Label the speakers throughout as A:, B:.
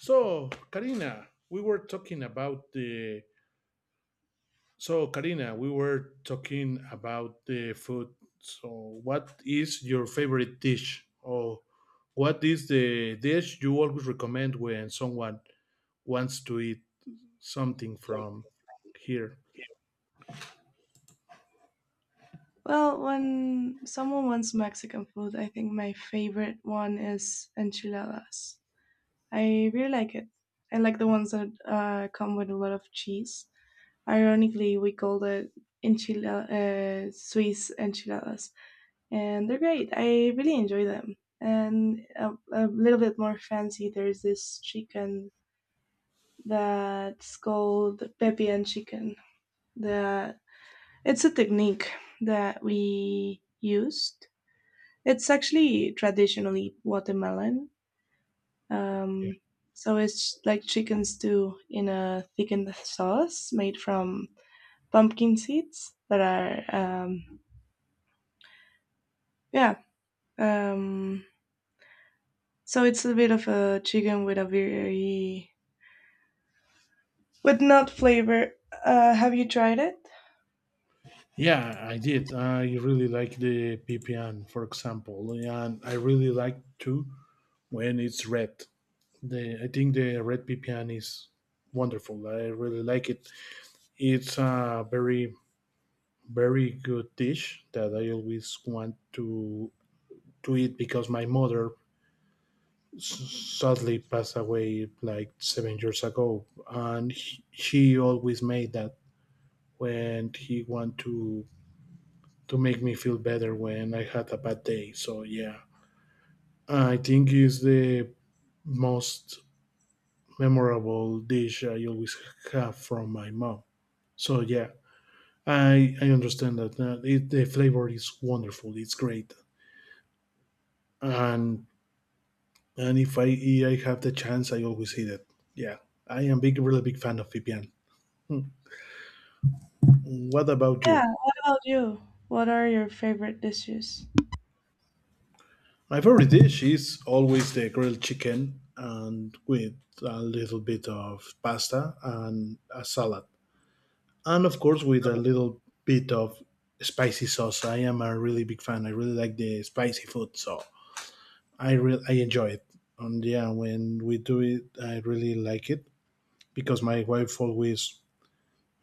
A: So, Karina, we were talking about the. So, Karina, we were talking about the food. So, what is your favorite dish, or what is the dish you always recommend when someone wants to eat something
B: So
A: from here?
B: Well, when someone wants Mexican food, I think my favorite one is enchiladas. I really like it. I like the ones that come with a lot of cheese. Ironically, we call it Swiss enchiladas, and they're great. I really enjoy them. And a little bit more fancy, there's this chicken that's called pepian chicken. That it's a technique that we used. It's actually traditionally watermelon.
A: Yeah,
B: Um, so it's like chicken stew in a thickened sauce made from pumpkin seeds that are, um, yeah. Um, so it's a bit of a chicken with a with nut flavor. Have you tried it?
A: yeah, I did. I really like the pipian, for example, and I really like too when it's red. The I think the red pipian is wonderful. I really like it. It's a very good dish that I always want to eat because my mother sadly passed away like 7 years ago, and she always made that when he want to make me feel better when I had a bad day. So yeah, I think it's the most memorable dish I always have from my mom. So yeah, I understand that the flavor is wonderful. It's great. and and if I have the chance, I always hit it. Yeah, I am really big fan of VPN. Hmm. What about
B: Yeah.
A: you?
B: What about you? What are your favorite dishes?
A: My favorite dish is always the grilled chicken and with a little bit of pasta and a salad, and of course with a little bit of spicy sauce. I am a really big fan. I really like the spicy food, so I enjoy it. And yeah, when we do it, I really like it because my wife always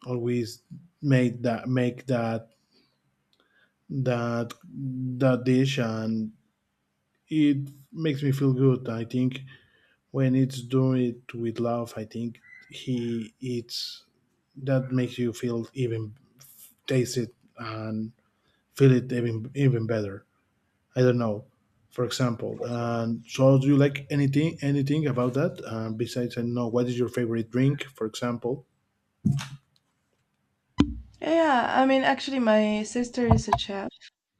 A: always make that that dish, and it makes me feel good. I think when it's doing it with love, I think he eats that makes you feel even, taste it, and feel it even better. I don't know, for example. And so, do you like anything about that, besides, I don't know, what is your favorite drink, for example?
B: Yeah, I mean, actually, my sister is a chef.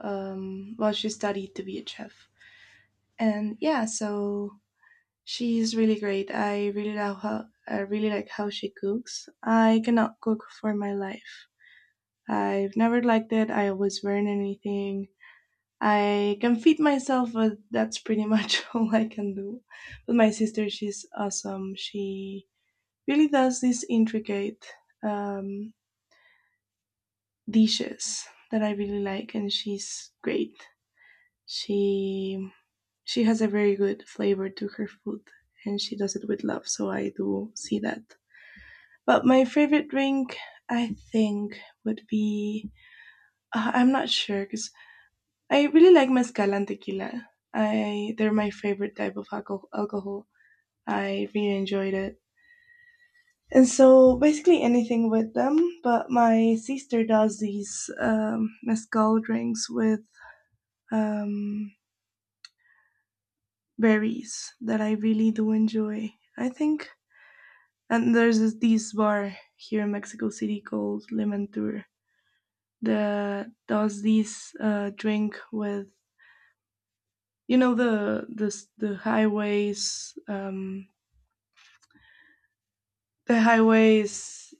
B: Well, she studied to be a chef, and yeah, so she is really great. I really like how she cooks. I cannot cook for my life. I've never liked it. I always burn anything. I can feed myself, but that's pretty much all I can do. But my sister, she's awesome. She really does these intricate um, dishes that I really like, and she's great. She she has a very good flavor to her food, and she does it with love. So I do see that. But my favorite drink, I think, would be I'm not sure because I really like mezcal and tequila. I they're my favorite type of alcohol. I really enjoyed it, and so basically anything with them. But my sister does these mezcal drinks with um, berries that I really do enjoy. I think, and there's this bar here in Mexico City called Lemon Tour that does this drink with you know the the the highways, the highways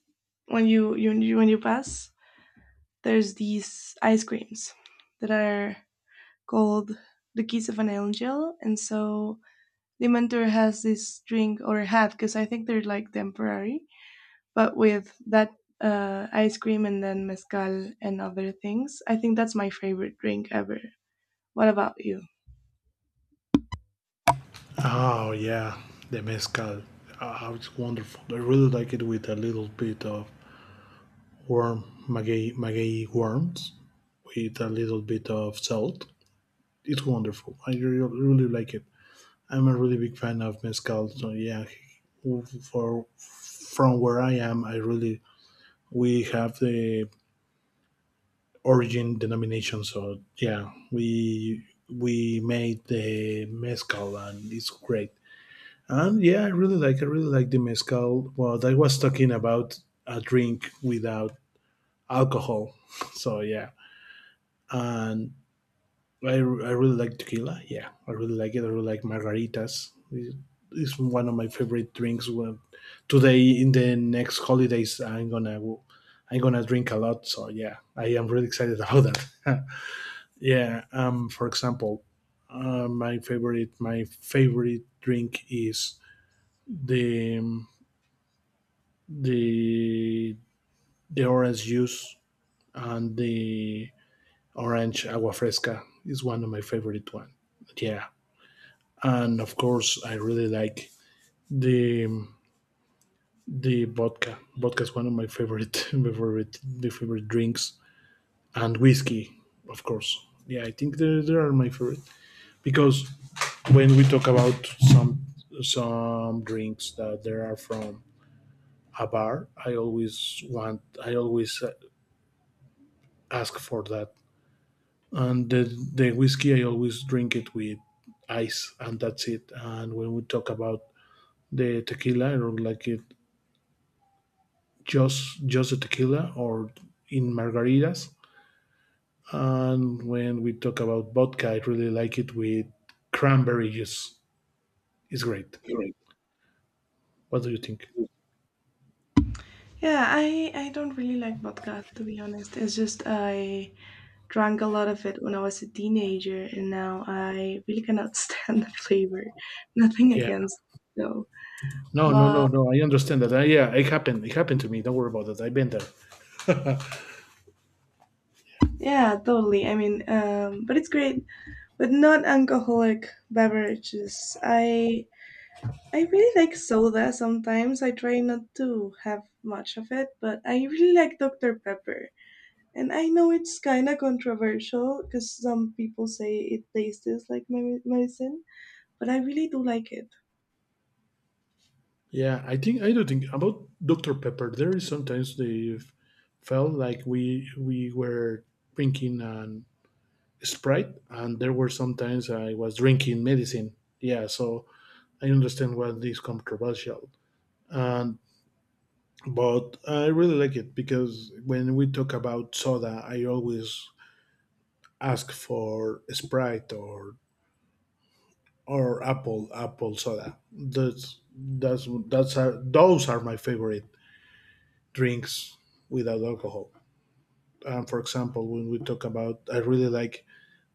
B: when when you pass, there's these ice creams that are called the keys of an angel. And so the mentor has this drink, or had, because I think they're like temporary, but with that ice cream and then mezcal and other things. I think that's my favorite drink ever. What about you?
A: Oh yeah, the mezcal. Oh, it's wonderful. I really like it with a little bit of warm maguey worms, with a little bit of salt. It's wonderful. I really, really like it. I'm a really big fan of mezcal. So yeah, for from where I am, I really, we have the origin denomination. So yeah, we made the mezcal and it's great. And yeah, I really like the mezcal. Well, I was talking about a drink without alcohol. So yeah, and I really like tequila. Yeah, I really like it. I really like margaritas. It's one of my favorite drinks. Well, today in the next holidays, I'm gonna drink a lot. So yeah, I am really excited about that. Yeah. For example, my favorite drink is the um, the the orange juice, and the orange agua fresca is one of my favorite one. Yeah, and of course I really like the the vodka. Vodka is one of my favorite my favorite the favorite drinks, and whiskey, of course. Yeah, I think they are my favorite because when we talk about some some drinks that there are from a bar, I always ask for that. And the whiskey I always drink it with ice, and that's it. And when we talk about the tequila, I don't like it just the tequila or in margaritas. And when we talk about vodka, I really like it with cranberry juice. It's great.
B: Correct.
A: What do you think?
B: Yeah, I don't really like vodka to be honest. It's just I drank a lot of it when I was a teenager, and now I really cannot stand the flavor. Nothing
A: Yeah.
B: against it, though,
A: No, no,
B: but
A: no, no, I understand that. Yeah, it happened. It happened to me. Don't worry about that. I've been there.
B: yeah, totally. I mean, but it's great. But non-alcoholic beverages. I really like soda sometimes. I try not to have much of it, but I really like Dr Pepper. And I know it's kind of controversial because some people say it tastes like medicine, but I really do like it.
A: Yeah, I think I do think about Dr. Pepper. There is sometimes they felt like we were drinking an Sprite, and there were sometimes I was drinking medicine. Yeah, so I understand why this controversial. And But I really like it because when we talk about soda, I always ask for Sprite or apple soda. Those are my favorite drinks without alcohol. For example, when we talk about, I really like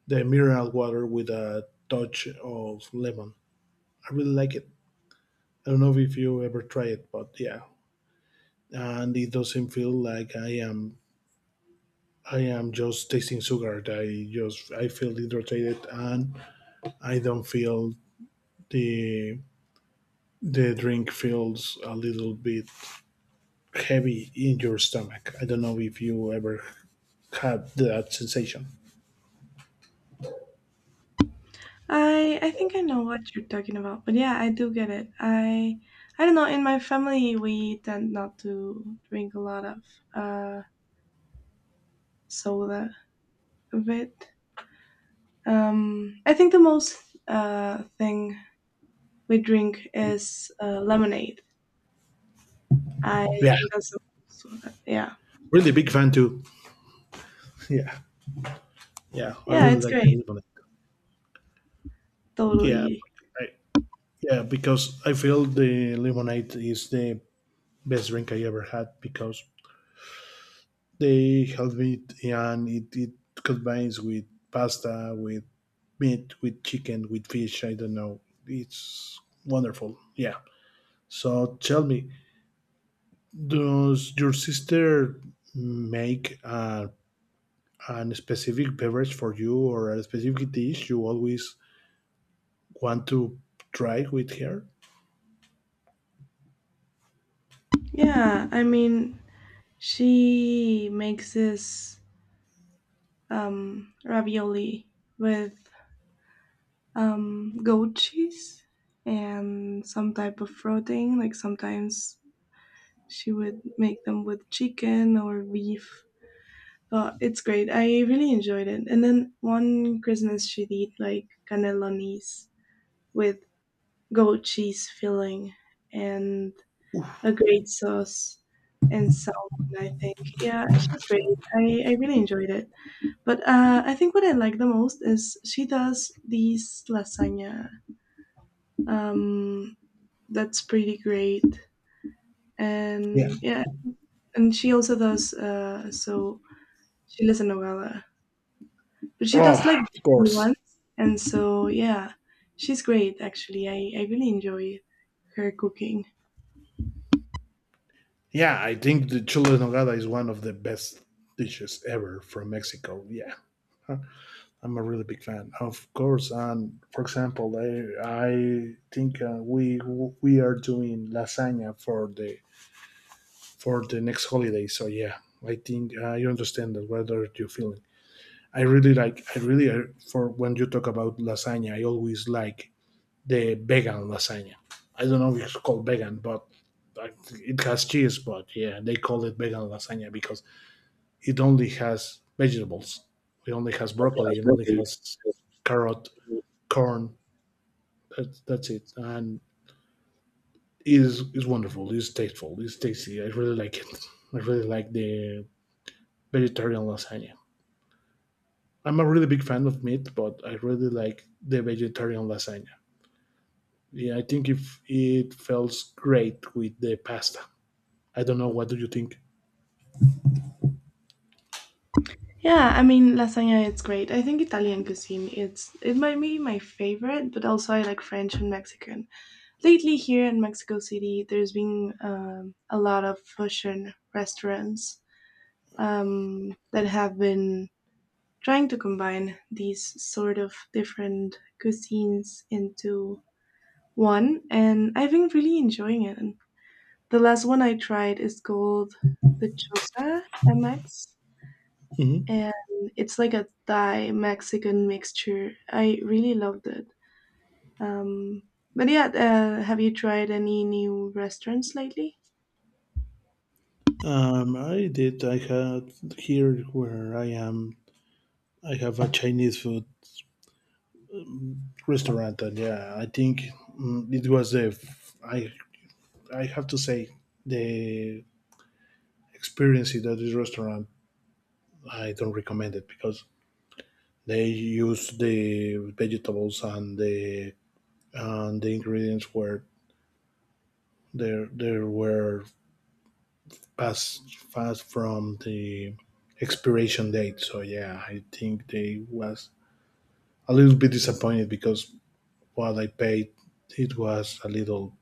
A: the mineral water with a touch of lemon. I really like it. I don't know if you ever try it, but yeah, and it doesn't feel like I am just tasting sugar. I feel hydrated, and I don't feel the the drink feels a little bit heavy in your stomach. I don't know if you ever had that sensation.
B: I think I know what you're talking about, but yeah, I do get it. I don't know. In my family, we tend not to drink a lot of uh, soda. A bit. I think the most thing we drink is lemonade. I
A: Yeah,
B: think that's the most. Yeah,
A: really big fan too. Yeah. Yeah, I
B: yeah,
A: really
B: it's
A: like
B: great.
A: the lemonade. Yeah,
B: Totally.
A: I, yeah, because I feel the lemonade is the best drink I ever had because they help me, it combines with pasta, with meat, with chicken, with fish. I don't know. It's wonderful. Yeah. So tell me, does your sister make a specific beverage for you or a specific dish you always want to try with her?
B: Yeah, I mean, she makes this ravioli with goat cheese and some type of protein. Like sometimes she would make them with chicken or beef. But it's great. I really enjoyed it. And then one Christmas she did like canelones with goat cheese filling and a great sauce and salmon, I think. Yeah, she's great. I really enjoyed it. But I think what I like the most is she does these lasagna. Um, that's pretty great,
A: Yeah.
B: and yeah, and she also does. So she lives in Nogala, but she does
A: Oh,
B: like
A: of
B: vegan
A: course.
B: ones, and so yeah, she's great. Actually, I really enjoy her cooking.
A: Yeah, I think the chile en nogada is one of the best dishes ever from Mexico. Yeah, huh, I'm a really big fan, of course. And for example, I think we are doing lasagna for the next holiday. So yeah, I think you understand that whether you're feeling. I really like. I really for when you talk about lasagna, I always like the vegan lasagna. I don't know if it's called vegan, but like, it has cheese. But yeah, they call it vegan lasagna because it only has vegetables. It only has broccoli. It only has carrot, corn. That's it. And it is wonderful. It's tasteful. It's tasty. I really like it. I really like the vegetarian lasagna. I'm a really big fan of meat, but I really like the vegetarian lasagna. Yeah, I think if it feels great with the pasta. I don't know. What do you think?
B: Yeah, I mean lasagna. It's great. I think Italian cuisine. It's it might be my favorite, but also I like French and Mexican. Lately here in Mexico City, there's been a lot of fusion restaurants that have been trying to combine these sort of different cuisines into one, and I've been really enjoying it. The last one I tried is called the Chosa MX,
A: Mhm.
B: and it's like a Thai Mexican mixture. I really loved it. Um, but yeah, have you tried any new restaurants lately?
A: I did. I had here where I am. I have a Chinese food restaurant, and yeah, I think it was I have to say the experience at this restaurant, I don't recommend it because they use the vegetables and the ingredients were There were past fast from the expiration date. So yeah, I think they was a little bit disappointed because what I paid, it was a little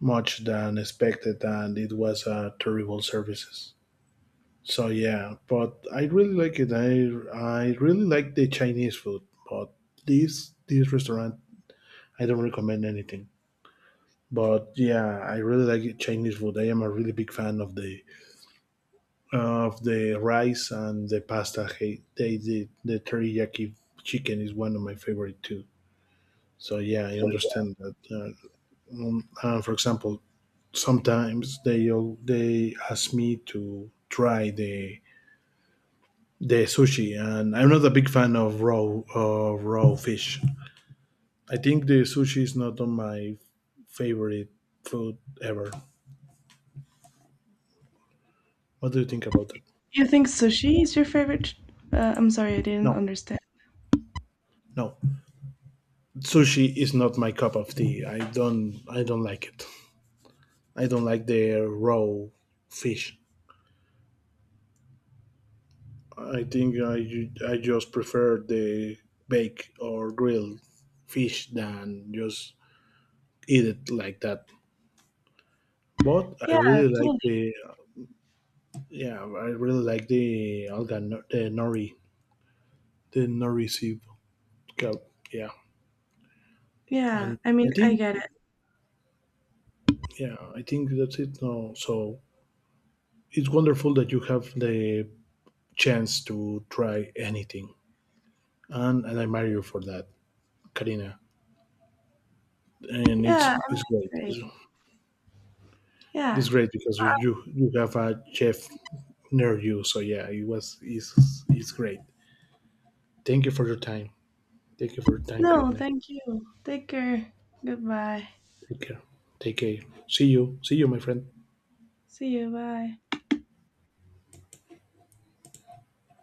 A: much than expected, and it was a terrible services. So yeah, but I really like it. I really like the Chinese food, but this restaurant I don't recommend anything. But yeah, I really like it, Chinese food. I am a really big fan of the rice and the pasta. Hey, they did the teriyaki chicken is one of my favorite too. So yeah, I understand that for example, sometimes they ask me to try the sushi, and I'm not a big fan of raw fish. I think the sushi is not on my favorite food ever. What do you think about that?
B: You think sushi is your favorite? I'm sorry, I didn't
A: No,
B: understand.
A: no, sushi is not my cup of tea. I don't like it. I don't like the raw fish. I think I, ju- I just prefer the bake or grilled fish than just eat it like that. But I
B: Yeah,
A: really like
B: totally.
A: the yeah, I really like the alga no- the nori soup. Go- Yeah,
B: Yeah,
A: and
B: I
A: I
B: mean, I
A: think
B: get it.
A: yeah, I think that's it. No, so it's wonderful that you have the chance to try anything, and I admire you for that, Karina. And
B: Yeah, I'm
A: it's great.
B: great.
A: It's
B: Yeah.
A: great because you have a chef near you. So yeah, it's great. Thank you for your time. Thank you for your time,
B: No,
A: Karina.
B: thank you. Take care. Goodbye.
A: Take care. Take care. See you. See you, my friend.
B: See you. Bye.